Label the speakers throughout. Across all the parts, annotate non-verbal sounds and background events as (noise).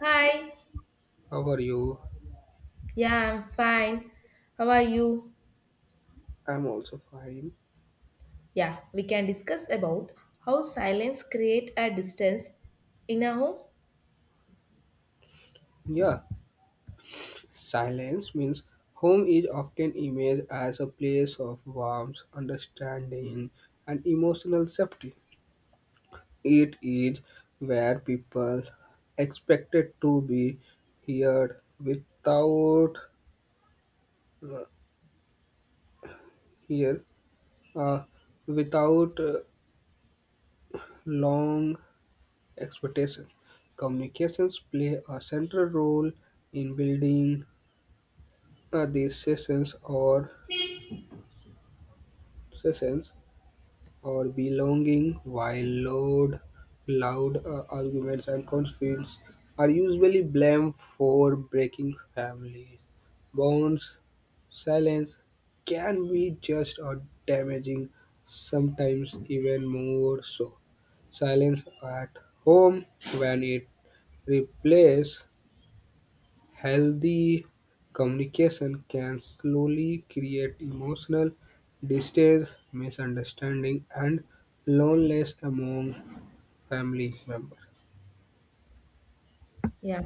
Speaker 1: Hi.
Speaker 2: How are you?
Speaker 1: Yeah, I'm fine. How are you?
Speaker 2: I'm also fine.
Speaker 1: Yeah, we can discuss about how silence create a distance in a home.
Speaker 2: Yeah, silence means home is often imaged as a place of warmth, understanding, and emotional safety. It is where people expected to be heard without here uh, without long expectation. Communications play a central role in building these sessions or belonging, while loud arguments and conflicts are usually blamed for breaking families' bonds. Silence can be just or damaging, sometimes even more so. Silence at home when it replaces healthy communication can slowly create emotional distance, misunderstanding, and loneliness among family members.
Speaker 1: Yeah.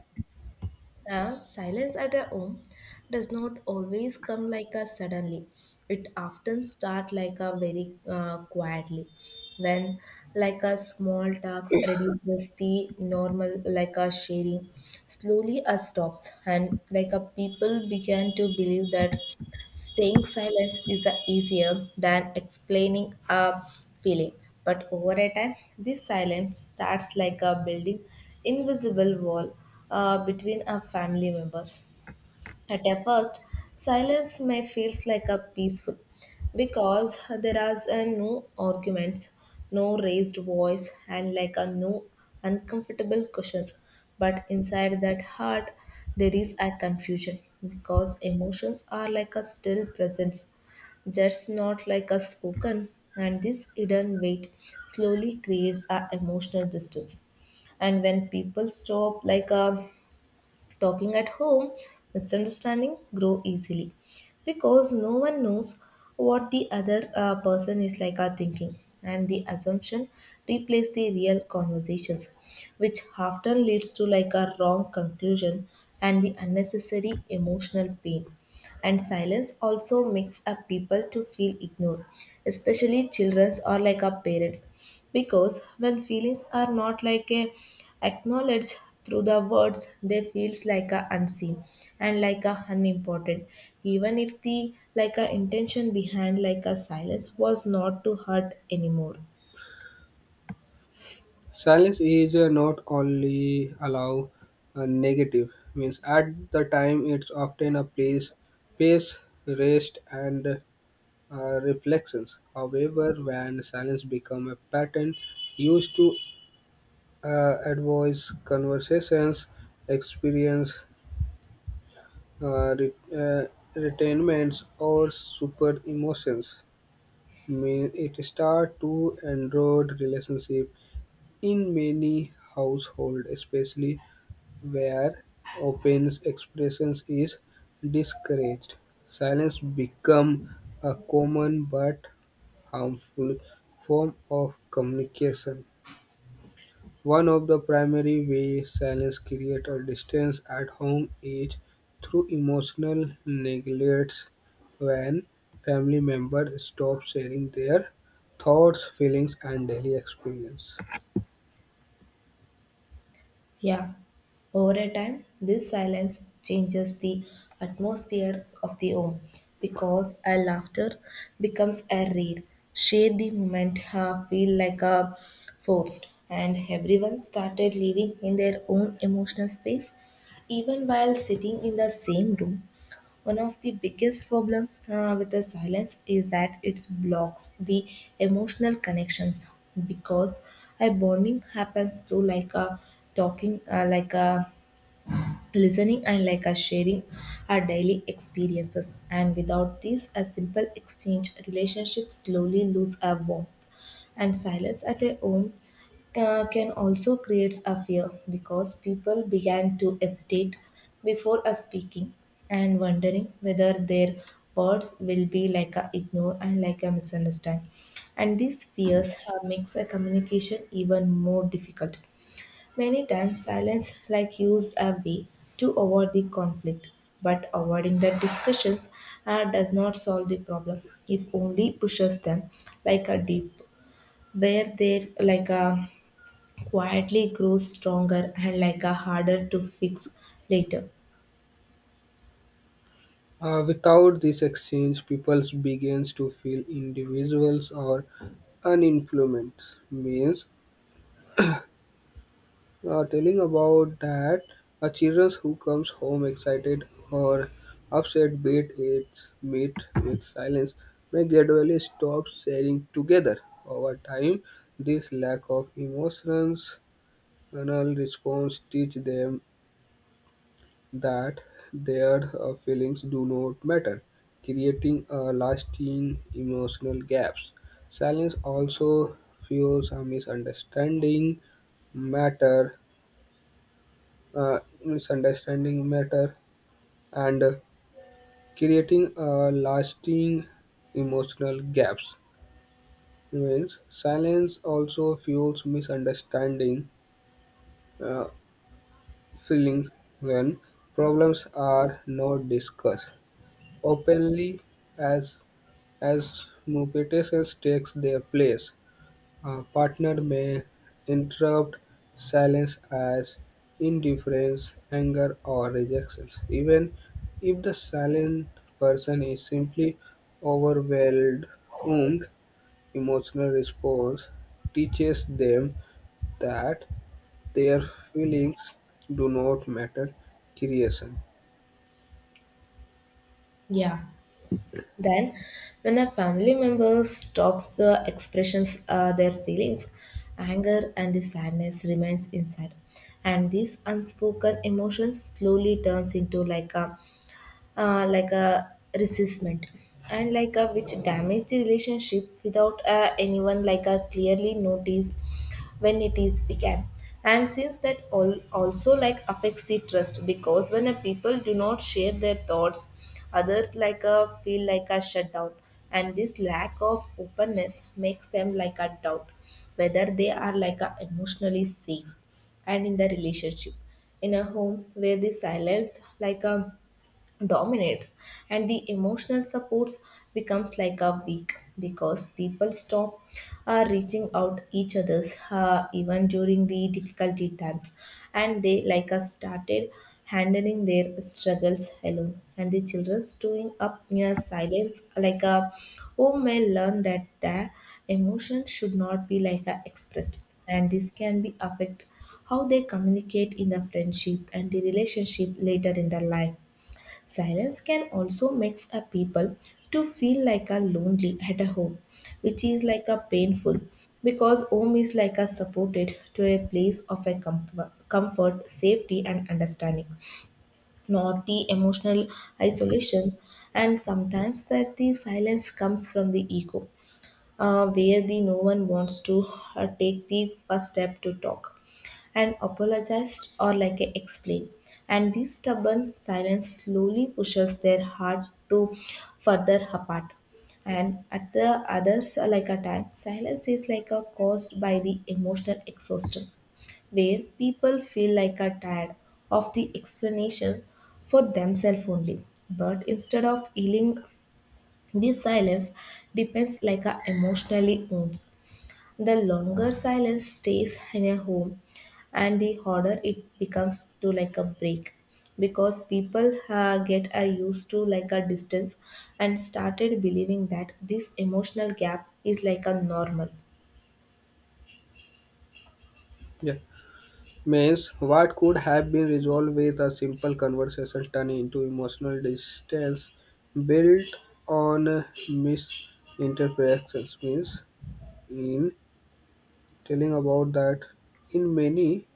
Speaker 1: Silence at a home does not always come like a suddenly. It often start like a very quietly when like a small task reduces the normal like a sharing slowly a stops, and like a people began to believe that staying silent is easier than explaining a feeling, but over a time, this silence starts like a building invisible wall between our family members. At a first, silence may feels like a peaceful because there are no arguments, no raised voice, and like a no uncomfortable questions. But inside that heart, there is a confusion because emotions are like a still presence, just not like a spoken. And this hidden weight slowly creates a emotional distance, and when people stop like a talking at home, misunderstanding grow easily because no one knows what the other person is like are thinking, and the assumption replace the real conversations, which often leads to like a wrong conclusion and the unnecessary emotional pain. And silence also makes up people to feel ignored, especially children's or like our parents, because when feelings are not like a acknowledged through the words, they feels like a unseen and like a unimportant, even if the like a intention behind like a silence was not to hurt anymore.
Speaker 2: Silence is not only allow a negative means at the time. It's often a place space rest and uh, reflections. However, when silence become a pattern used to advise conversations, experience, Uh, re- uh, retainments, or super emotions mean it start to erode relationship in many households, especially where open expressions is discouraged. Silence become a common but harmful form of communication. One of the primary ways silence creates a distance at home is through emotional neglect when family members stop sharing their thoughts, feelings, and daily experience.
Speaker 1: Yeah, over a time, this silence changes the atmospheres of the home because a laughter becomes a rare. Share the moment feel like a forced, and everyone started living in their own emotional space, even while sitting in the same room. One of the biggest problem with the silence is that it blocks the emotional connections, because a bonding happens through like a talking, like a listening, and like a sharing our daily experiences. And without this, a simple exchange relationship slowly lose a warmth. And silence at a home can also create a fear because people began to hesitate before a speaking and wondering whether their words will be like a ignore and like a misunderstand, and these fears have makes a communication even more difficult. Many times silence like used a way to avoid the conflict, but avoiding the discussions does not solve the problem. If only pushes them like a deep, where they're like a quietly grows stronger and like a harder to fix later.
Speaker 2: Without this exchange, people begins to feel individuals or uninfluenced, means telling about that a children who comes home excited or upset beat its meet with silence may gradually stop sharing together. Over time, this lack of emotions anal response teach them that their feelings do not matter, creating a lasting emotional gaps. Silence also fuels a misunderstanding matter, uh, misunderstanding matter, and creating lasting emotional gaps. Means silence also fuels misunderstanding, uh, feelings when problems are not discussed openly, as as Mupetes takes their place. A partner may interrupt silence as indifference, anger, or rejection, even if the silent person is simply overwhelmed. Emotional response teaches them that their feelings do not matter. Creation.
Speaker 1: Yeah. Then, when a family member stops the expressions their feelings, anger and the sadness remains inside, and these unspoken emotions slowly turns into like a resentment and like a which damage the relationship without anyone like a clearly notice when it is began. And since that all also like affects the trust, because when a people do not share their thoughts, others like a feel like a shutdown, and this lack of openness makes them like a doubt whether they are like a emotionally safe and in the relationship. In a home where the silence like a dominates and the emotional supports becomes like a weak, because people stop reaching out each others even during the difficulty times, and they like us started handling their struggles alone. And the children's doing up near silence like a home may learn that their emotion should not be like a expressed, and this can be affect how they communicate in the friendship and the relationship later in their life. Silence can also makes a people to feel like a lonely at a home, which is like a painful because home is like a supported to a place of a comfort, safety and understanding, not the emotional isolation. And sometimes that the silence comes from the ego, where the no one wants to take the first step to talk and apologized or like a explain, and this stubborn silence slowly pushes their heart to further apart. And at the others like a time silence is like a caused by the emotional exhaustion, where people feel like are tired of the explanation for themselves only, but instead of healing, this silence depends like a emotionally wounds. The longer silence stays in a home, and the harder it becomes to like a break because people get used to like a distance and started believing that this emotional gap is like a normal.
Speaker 2: Yeah. Means, what could have been resolved with a simple conversation turned into emotional distance built on misinterpretations. Means, in telling about that, in many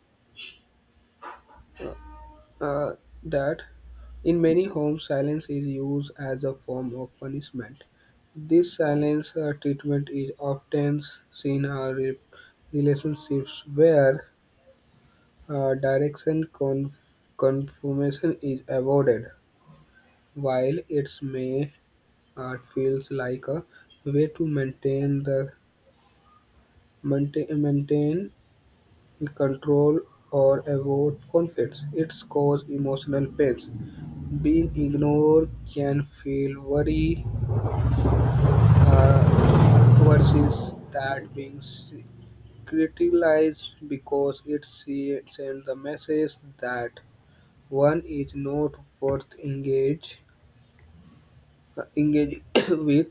Speaker 2: uh, that in many homes, silence is used as a form of punishment. This silence treatment is often seen in relationships where direction confirmation is avoided. While it's May, art feels like a way to maintain control or avoid conflicts. It's cause emotional pains. Being ignored can feel worry versus that being criticized because it sends the message that one is not worth engage engaging (coughs) with.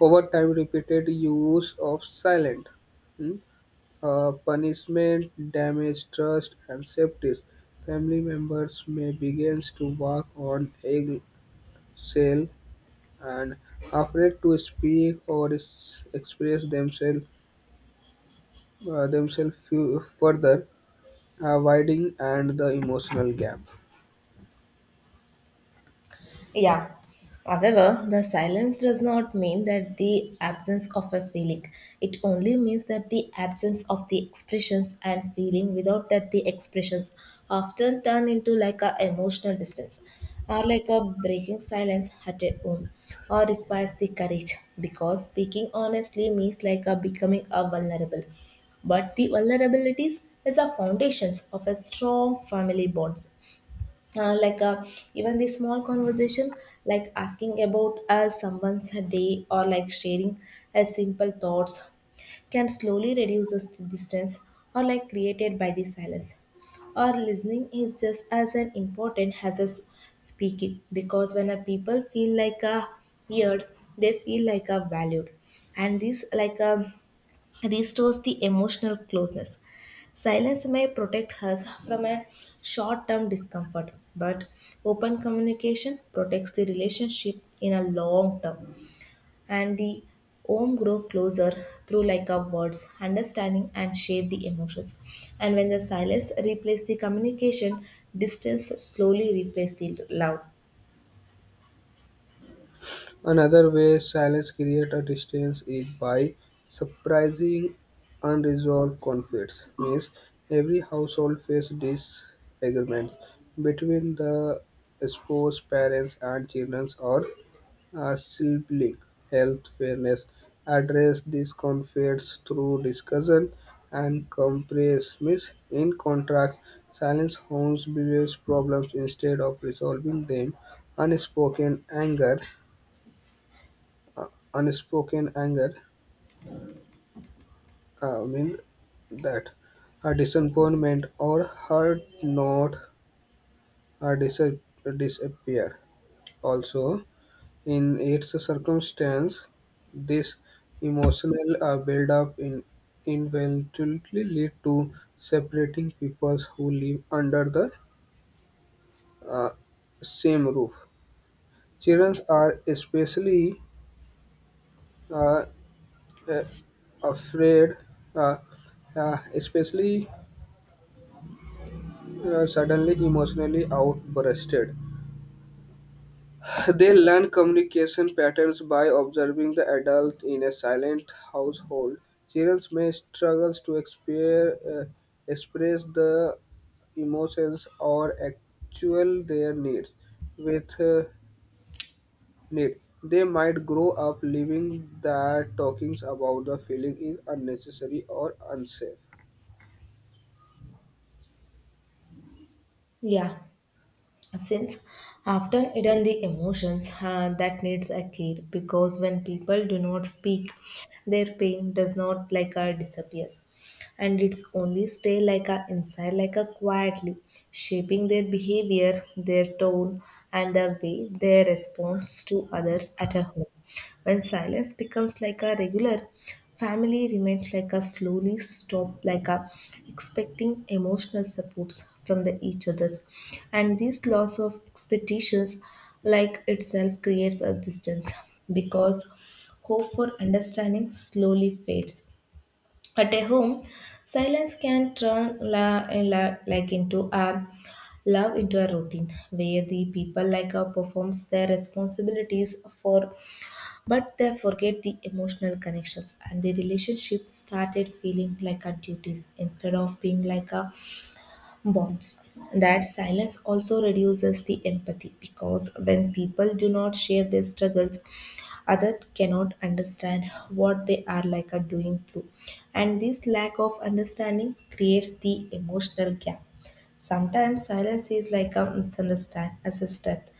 Speaker 2: Over time, repeated use of silent hmm, punishment damage trust and safety. Family members may begin to walk on eggshell and afraid to speak or express themselves, further widening and the emotional gap.
Speaker 1: Yeah. However, the silence does not mean that the absence of a feeling. It only means that the absence of the expressions and feeling. Without that the expressions often turn into like a emotional distance, or like a breaking silence at a home or requires the courage, because speaking honestly means like a becoming a vulnerable. But the vulnerabilities is the foundations of a strong family bonds, like even the small conversation, like asking about someone's day or like sharing a simple thoughts, can slowly reduces the distance or like created by the silence. Or listening is just as an important as speaking, because when a people feel like a heard, they feel like a valued, and this like a restores the emotional closeness. Silence may protect us from a short term discomfort, but open communication protects the relationship in a long term. And the home grow closer through like our words, understanding and share the emotions. And when the silence replaces the communication, distance slowly replaces the love.
Speaker 2: Another way silence creates a distance is by surprising unresolved conflicts. Means every household faces disagreements between the spouse, parents, and children or a sibling. Health fairness address these conflicts through discussion and compromise. In contrast, silence homes believes problems instead of resolving them. Unspoken anger uh, Unspoken anger means that a disappointment or hurt not her disappear. Also, in its circumstance, this emotional buildup in eventually lead to separating peoples who live under the uh, same roof. Children are especially uh, uh, afraid, uh, especially suddenly emotionally outbursted. They learn communication patterns by observing the adult in a silent household. Children may struggle to express the emotions or actual their needs with need. They might grow up believing that talking about the feeling is unnecessary or unsafe.
Speaker 1: Yeah, since often hidden the emotions that needs a care, because when people do not speak, their pain does not like a disappears, and it's only stay like a inside like a quietly shaping their behavior, their tone, and the way they respond to others at a home. When silence becomes like a regular, family remains like a slowly stop, like a expecting emotional supports from the each others. And this loss of expectations like itself creates a distance because hope for understanding slowly fades. At a home, silence can turn like into a love into a routine, where the people like her performs their responsibilities for, but they forget the emotional connections, and the relationship started feeling like a duties instead of being like a bonds. That silence also reduces the empathy, because when people do not share their struggles, others cannot understand what they are like a doing through. And this lack of understanding creates the emotional gap. Sometimes silence is like a misunderstand as a strength,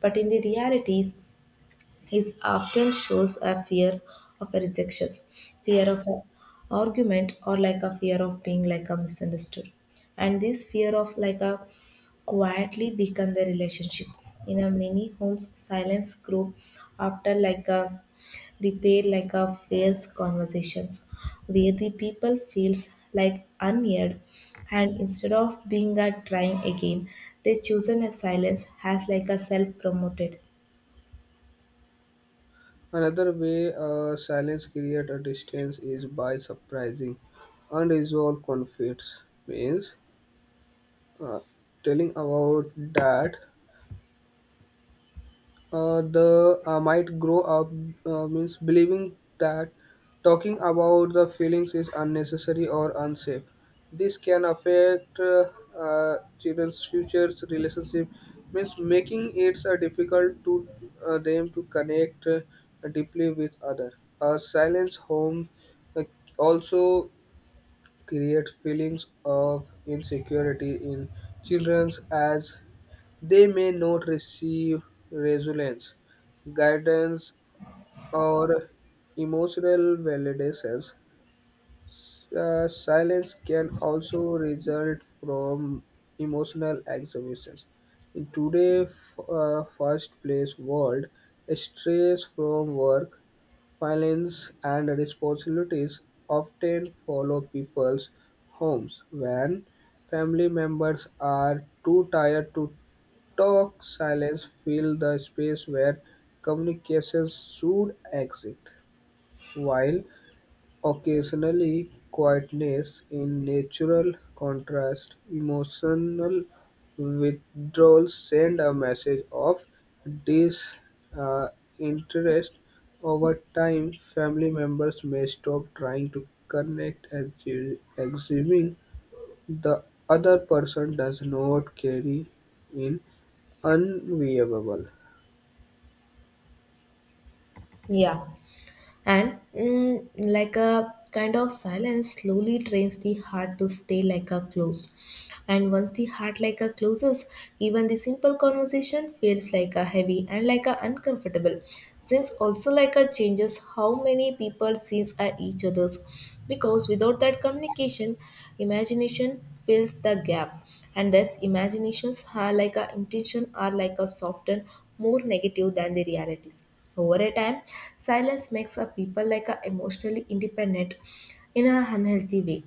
Speaker 1: but in the realities, his often shows a fears of a rejection, fear of an argument, or like a fear of being like a misunderstood. And this fear of like a quietly weaken the relationship. In a many homes, silence grew after like a repair like a fails conversations, where the people feels like unheard, and instead of being a trying again, they chosen a silence has like a self promoted.
Speaker 2: Another way silence creates a distance is by surprising unresolved conflicts. Means uh, telling about that the might grow up means believing that talking about the feelings is unnecessary or unsafe. This can affect children's futures relationship, means making it difficult to them to connect deeply with other. A silence home uh, also create feelings of insecurity in children as they may not receive resilience, guidance, or emotional validations. Silence can also result from emotional exhaustion. In today's fast-paced world, stress from work, violence and responsibilities often follow people's homes. When family members are too tired to talk, silence fill the space where communication should exist, while occasionally quietness in natural contrast, emotional withdrawal send a message of disinterest. Over time, family members may stop trying to connect and assuming the other person does not carry in unviewable.
Speaker 1: Yeah. And like a kind of silence slowly trains the heart to stay like a closed, and once the heart like a closes, even the simple conversation feels like a heavy and like a uncomfortable. Since also like a changes how many people sees at each other's, because without that communication, imagination fills the gap, and thus imaginations are like a intention are like a softened more negative than the realities. Over a time, silence makes a people like a emotionally independent in a unhealthy way,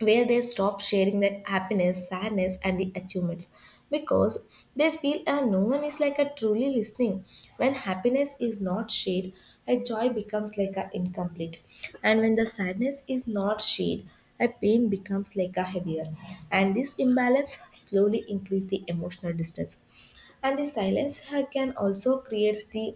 Speaker 1: where they stop sharing that happiness, sadness, and the achievements, because they feel no one is like a truly listening. When happiness is not shared, a joy becomes like a incomplete, and when the sadness is not shared, a pain becomes like a heavier, and this imbalance slowly increase the emotional distance. And the silence can also creates the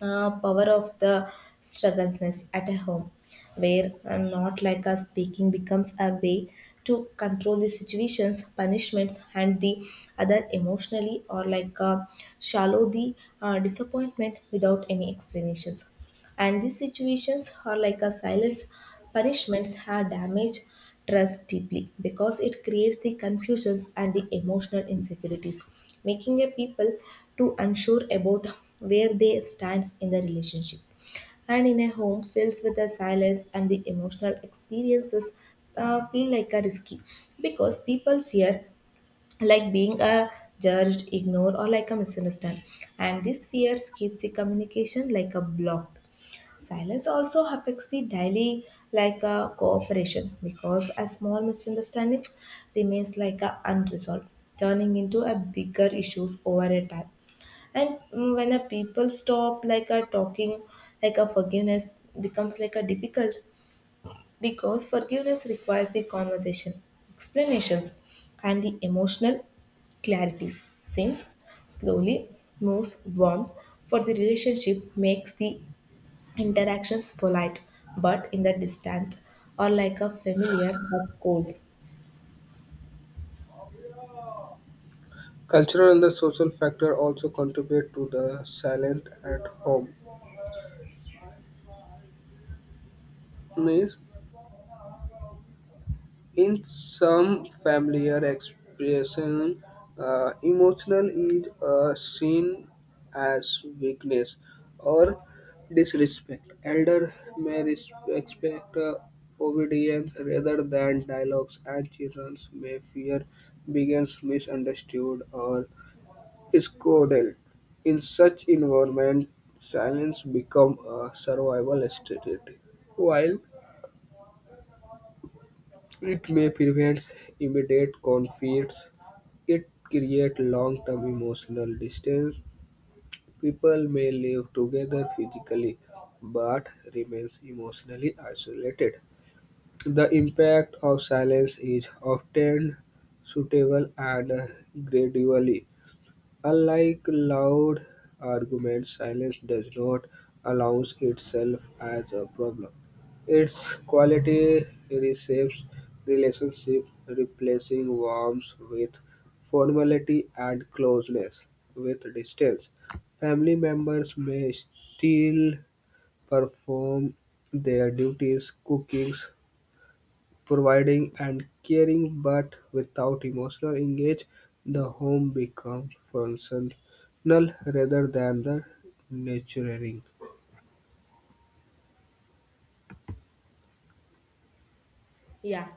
Speaker 1: power of the struggleness at a home, where not like us speaking becomes a way to control the situations, punishments and the other emotionally, or like shallow the disappointment without any explanations. And these situations are like a silence punishments have damaged trust deeply, because it creates the confusions and the emotional insecurities, making a people to unsure about where they stands in the relationship. And in a home filled with the silence and the emotional experiences feel like a risky, because people fear like being a judged, ignored, or like a misunderstood, and these fears keeps the communication like a blocked. Silence also affects the daily like cooperation, because a small misunderstanding remains like a unresolved, turning into a bigger issues over a time. And when a people stop like a talking, like a forgiveness becomes like a difficult, because forgiveness requires the conversation, explanations, and the emotional clarities. Since slowly moves warmth for the relationship makes the interactions polite but in the distance or like a familiar but cold.
Speaker 2: Cultural and the social factor also contribute to the silent at home. Means in some familiar expression, emotional is seen as weakness or disrespect. Elder may expect obedience rather than dialogues, and children may fear begins misunderstood or is coded. In such environment, silence becomes a survival strategy. While it may prevent immediate conflicts, it creates long-term emotional distance. People may live together physically but remains emotionally isolated. The impact of silence is often suitable and gradually. Unlike loud arguments, silence does not announce itself as a problem. Its quality reshapes relationship, replacing warmth with formality and closeness with distance. Family members may still perform their duties, cooking, providing and caring, but without emotional engage, the home becomes functional rather than the nurturing.
Speaker 1: Yeah.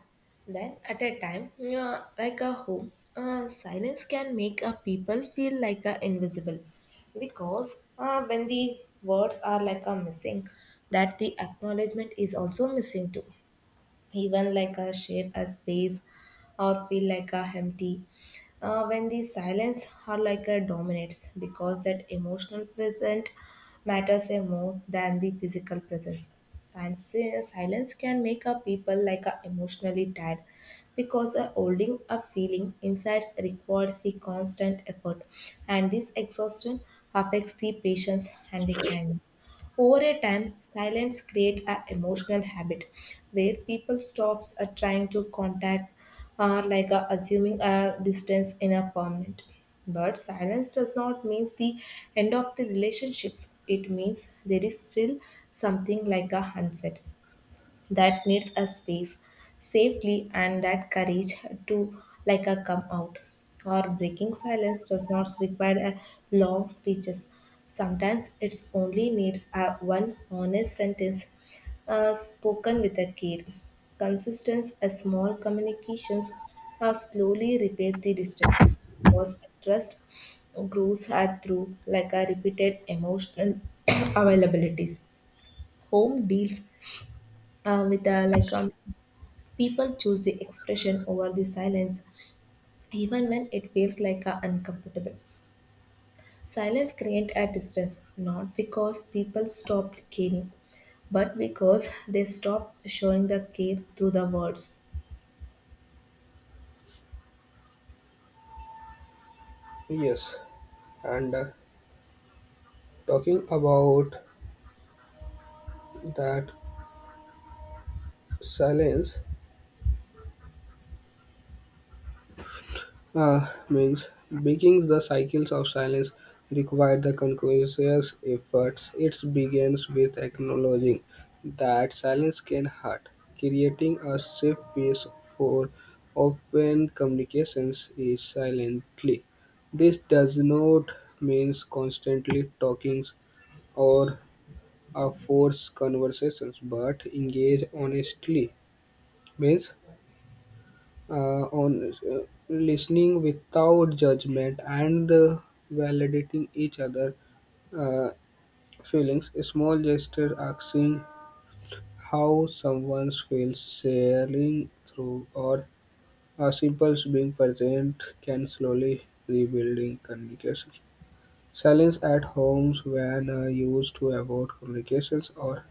Speaker 1: Then at a time like a home silence can make a people feel like a invisible because when the words are like a missing that the acknowledgement is also missing too, even like a share a space or feel like a empty when the silence are like a dominates because that emotional present matters a more than the physical presence. And silence can make a people like a emotionally tired because a holding a feeling insides requires the constant effort, and this exhaustion affects the patience and the kindness. Over a time, silence creates an emotional habit where people stops trying to contact, like assuming a distance in a permanent. But silence does not mean the end of the relationships. It means there is still something like a sunset that needs a space safely and that courage to like a come out. Or breaking silence does not require a long speeches. Sometimes it's only needs a one honest sentence spoken with a care. Consistence, a small communications slowly repair the distance because trust grows through like a repeated emotional (clears throat) availabilities. Home deals with like a people choose the expression over the silence even when it feels like a uncomfortable. Silence creates a distance not because people stopped caring, but because they stopped showing the care through the words.
Speaker 2: Yes, and talking about that silence, means breaking the cycles of silence require the conscious efforts. It begins with acknowledging that silence can hurt, creating a safe space for open communications is silently. This does not mean constantly talking or a forced conversations, but engage honestly means on listening without judgment and validating each other uh, feelings. Small gestures asking how someone feels, sharing through, or a simple being present can slowly rebuilding communication. Silence at homes when used to avoid communications or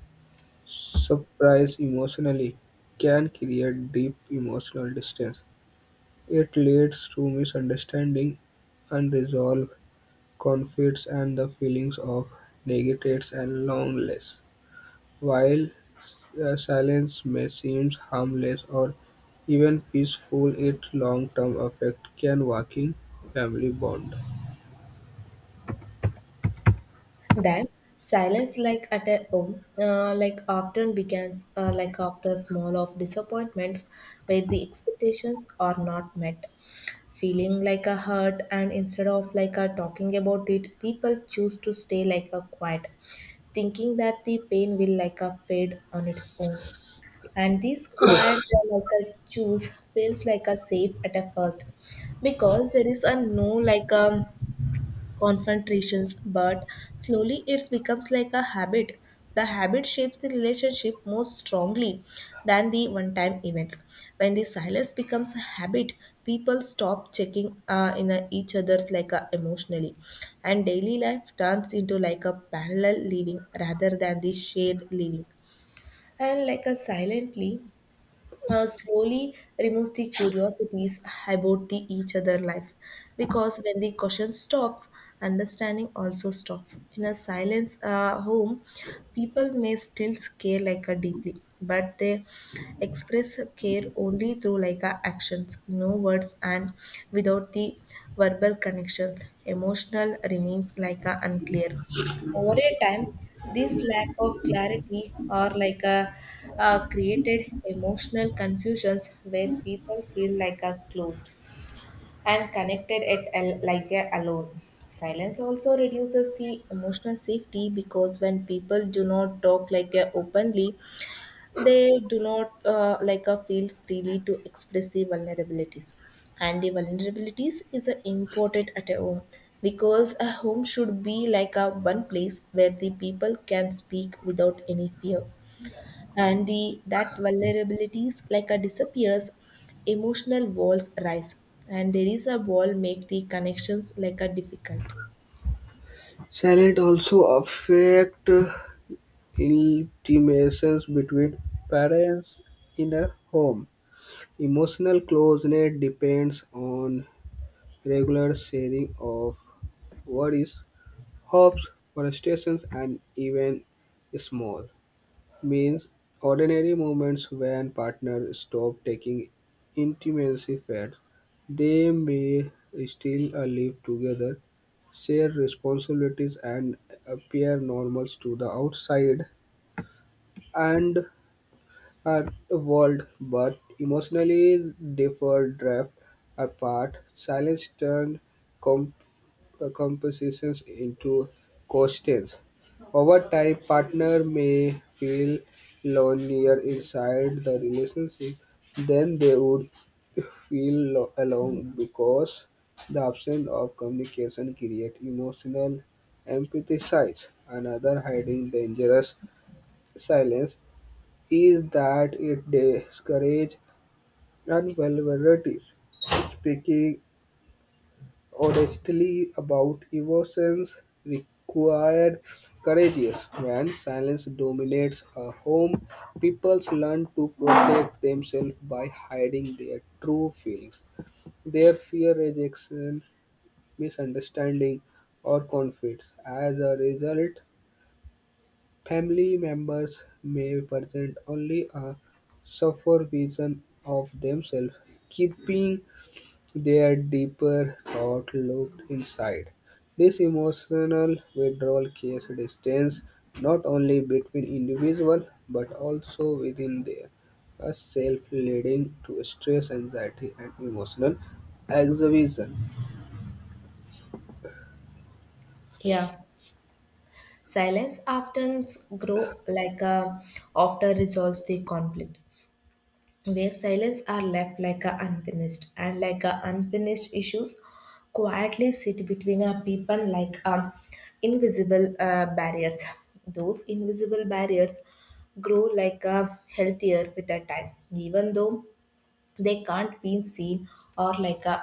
Speaker 2: surprise emotionally can create deep emotional distance. It leads to misunderstanding, unresolved conflicts and the feelings of neglected and loneliness, while silence may seem harmless or even peaceful, its long-term effect can weaken family bonds.
Speaker 1: Then silence, like at a home, like often begins, like after small of disappointments, where the expectations are not met. Feeling like a hurt, and instead of like a talking about it, people choose to stay like a quiet, thinking that the pain will like a fade on its own. And this quiet, like a choose, feels like a safe at a first, because there is a no like a confrontations, but slowly it becomes like a habit. The habit shapes the relationship more strongly than the one time events. When the silence becomes a habit, people stop checking in each other's like a emotionally, and daily life turns into like a parallel living rather than the shared living, and like a silently slowly removes the curiosities about the each other lives because when the question stops understanding also stops. In a silence home, people may still care like a deeply but they express care only through like a actions no words, and without the verbal connections emotional remains like a unclear. Over a time, this lack of clarity or like a, created emotional confusions where people feel like a closed and connected at like a alone. Silence also reduces the emotional safety because when people do not talk like a openly, they do not like feel freely to express the vulnerabilities, and the vulnerabilities is important at a home because a home should be like a one place where the people can speak without any fear. And the that vulnerabilities like a disappears, emotional walls rise, and there is a wall make the connections like a difficult.
Speaker 2: Silence also affect intimations between parents in a home. Emotional closeness depends on regular sharing of worries, hopes, frustrations, and even small means ordinary moments. When partners stop taking, intimacy fades. They may still live together, share responsibilities, and appear normal to the outside and our world, but emotionally differ drift apart. Silence turned compositions into questions. Over time, partner may feel lonelier inside the relationship than they would feel alone because the absence of communication creates emotional empathy. Size. Another hiding dangerous silence is that it discourages vulnerability. Speaking honestly about emotions required courageous. When silence dominates a home, people learn to protect themselves by hiding their true feelings, their fear, rejection, misunderstanding, or conflicts. As a result, family members may present only a suffer vision of themselves, keeping their deeper thought looked inside. This emotional withdrawal creates distance not only between individuals but also within their self, leading to stress, anxiety, and emotional exhibition.
Speaker 1: Yeah, silence often grow like a after resolves the conflict where silence are left like a unfinished, and like a unfinished issues quietly sit between a people like invisible barriers. Those invisible barriers grow like a healthier with the time even though they can't be seen, or like a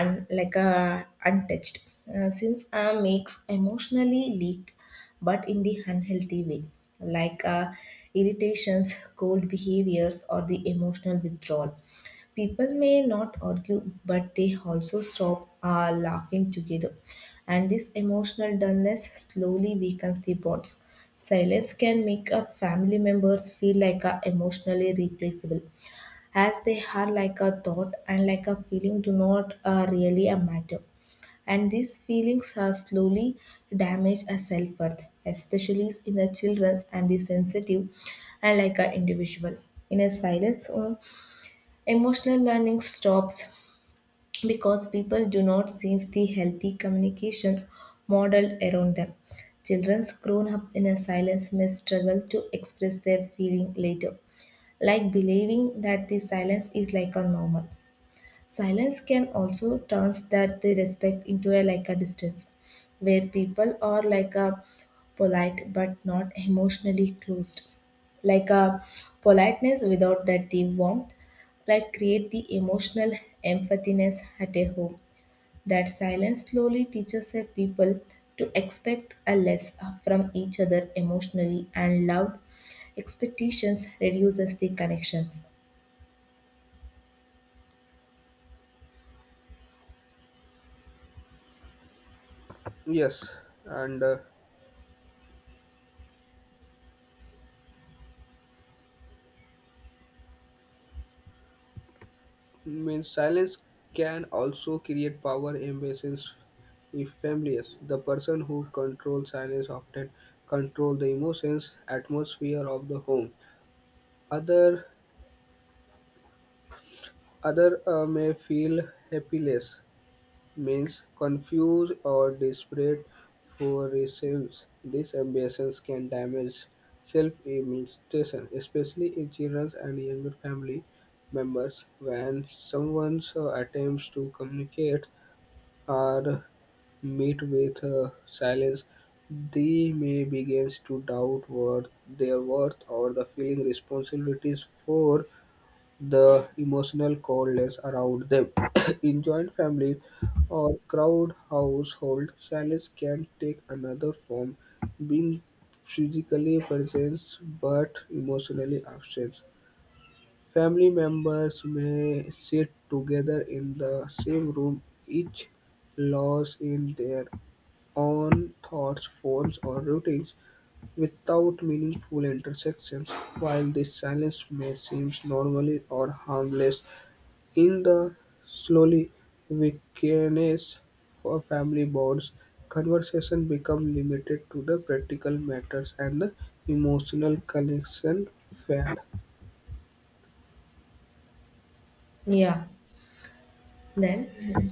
Speaker 1: un, like a untouched. Since makes emotionally leak but in the unhealthy way, like irritations, cold behaviors or the emotional withdrawal. People may not argue but they also stop laughing together, and this emotional dullness slowly weakens the bonds. Silence can make a family members feel like a emotionally replaceable as they are like a thought and like a feeling do not really a matter, and these feelings are slowly damage a self-worth, especially in the children's and the sensitive and like a individual. In a silence or emotional learning stops because people do not sense the healthy communications modeled around them. Children grown up in a silence may struggle to express their feeling later, like believing that the silence is like a normal. Silence can also turns that the respect into a like a distance, where people are like a polite but not emotionally closed. Like a politeness without that the warmth, like create the emotional empathiness at a home. That silence slowly teaches a people to expect a less from each other emotionally, and loud expectations reduces the connections.
Speaker 2: Yes, and means silence can also create power imbalances if families. The person who controls silence often control the emotions, atmosphere of the home. Other Others may feel "helpless", means confused or desperate for results. These ambitions can damage self-image, especially in children and younger family members. When someone attempts to communicate or meet with silence, they may begin to doubt what their worth or the feeling responsibilities for the emotional coldness around them. (coughs) In joint families or crowd household, silence can take another form, being physically present but emotionally absent. Family members may sit together in the same room, each lost in their own thoughts, forms, or routines without meaningful intersections. While this silence may seem normal or harmless, in the slowly weakness of family bonds, conversation become limited to the practical matters and the emotional connection fade.
Speaker 1: Yeah. Then,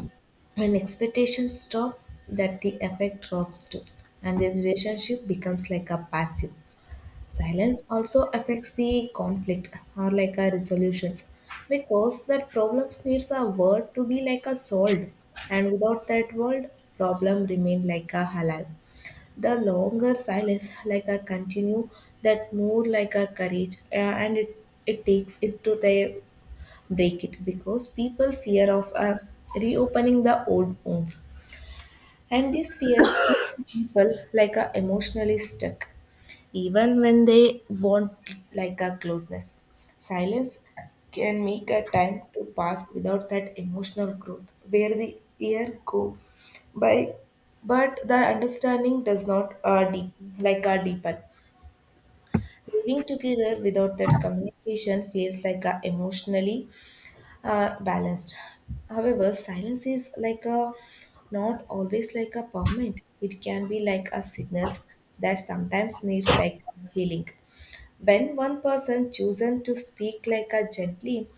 Speaker 1: when expectations stop, that the effect drops too, and the relationship becomes like a passive. Silence also affects the conflict or like a resolutions because that problems needs a word to be like a solved, and without that word, problem remain like a halal. The longer silence like a continue, that more like a courage, and it takes it to the break it because people fear of reopening the old wounds, and these fears keep people like emotionally stuck even when they want like a closeness. Silence can make a time to pass without that emotional growth where the year go by but the understanding does not deep like a deepen. Living together without that communication feels like a emotionally balanced. However, silence is like a not always like a permanent. It can be like a signals that sometimes needs like healing. When one person chosen to speak like a gently,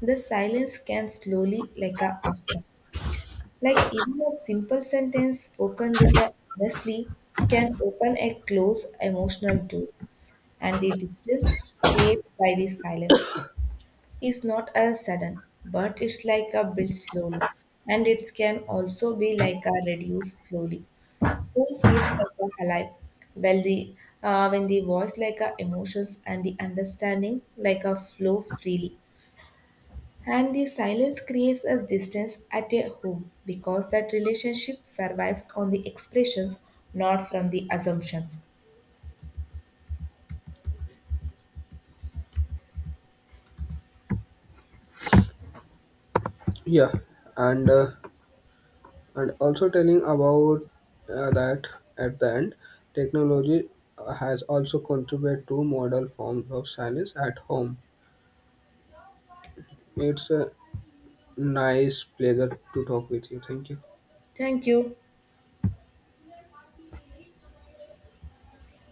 Speaker 1: the silence can slowly like a after. Like even a simple sentence spoken with a honestly can open a close emotional door, and the distance creates by the silence is not as sudden, but it's like a build slowly, and it can also be like a reduce slowly. Home feels like a alive. Well, the when the voice like a emotions and the understanding like a flow freely, and the silence creates a distance at a home because that relationship survives on the expressions, not from the assumptions.
Speaker 2: Yeah, and uh, and also telling about that at the end, technology has also contributed to model forms of silence at home. It's a nice pleasure to talk with you. Thank you.
Speaker 1: Thank you.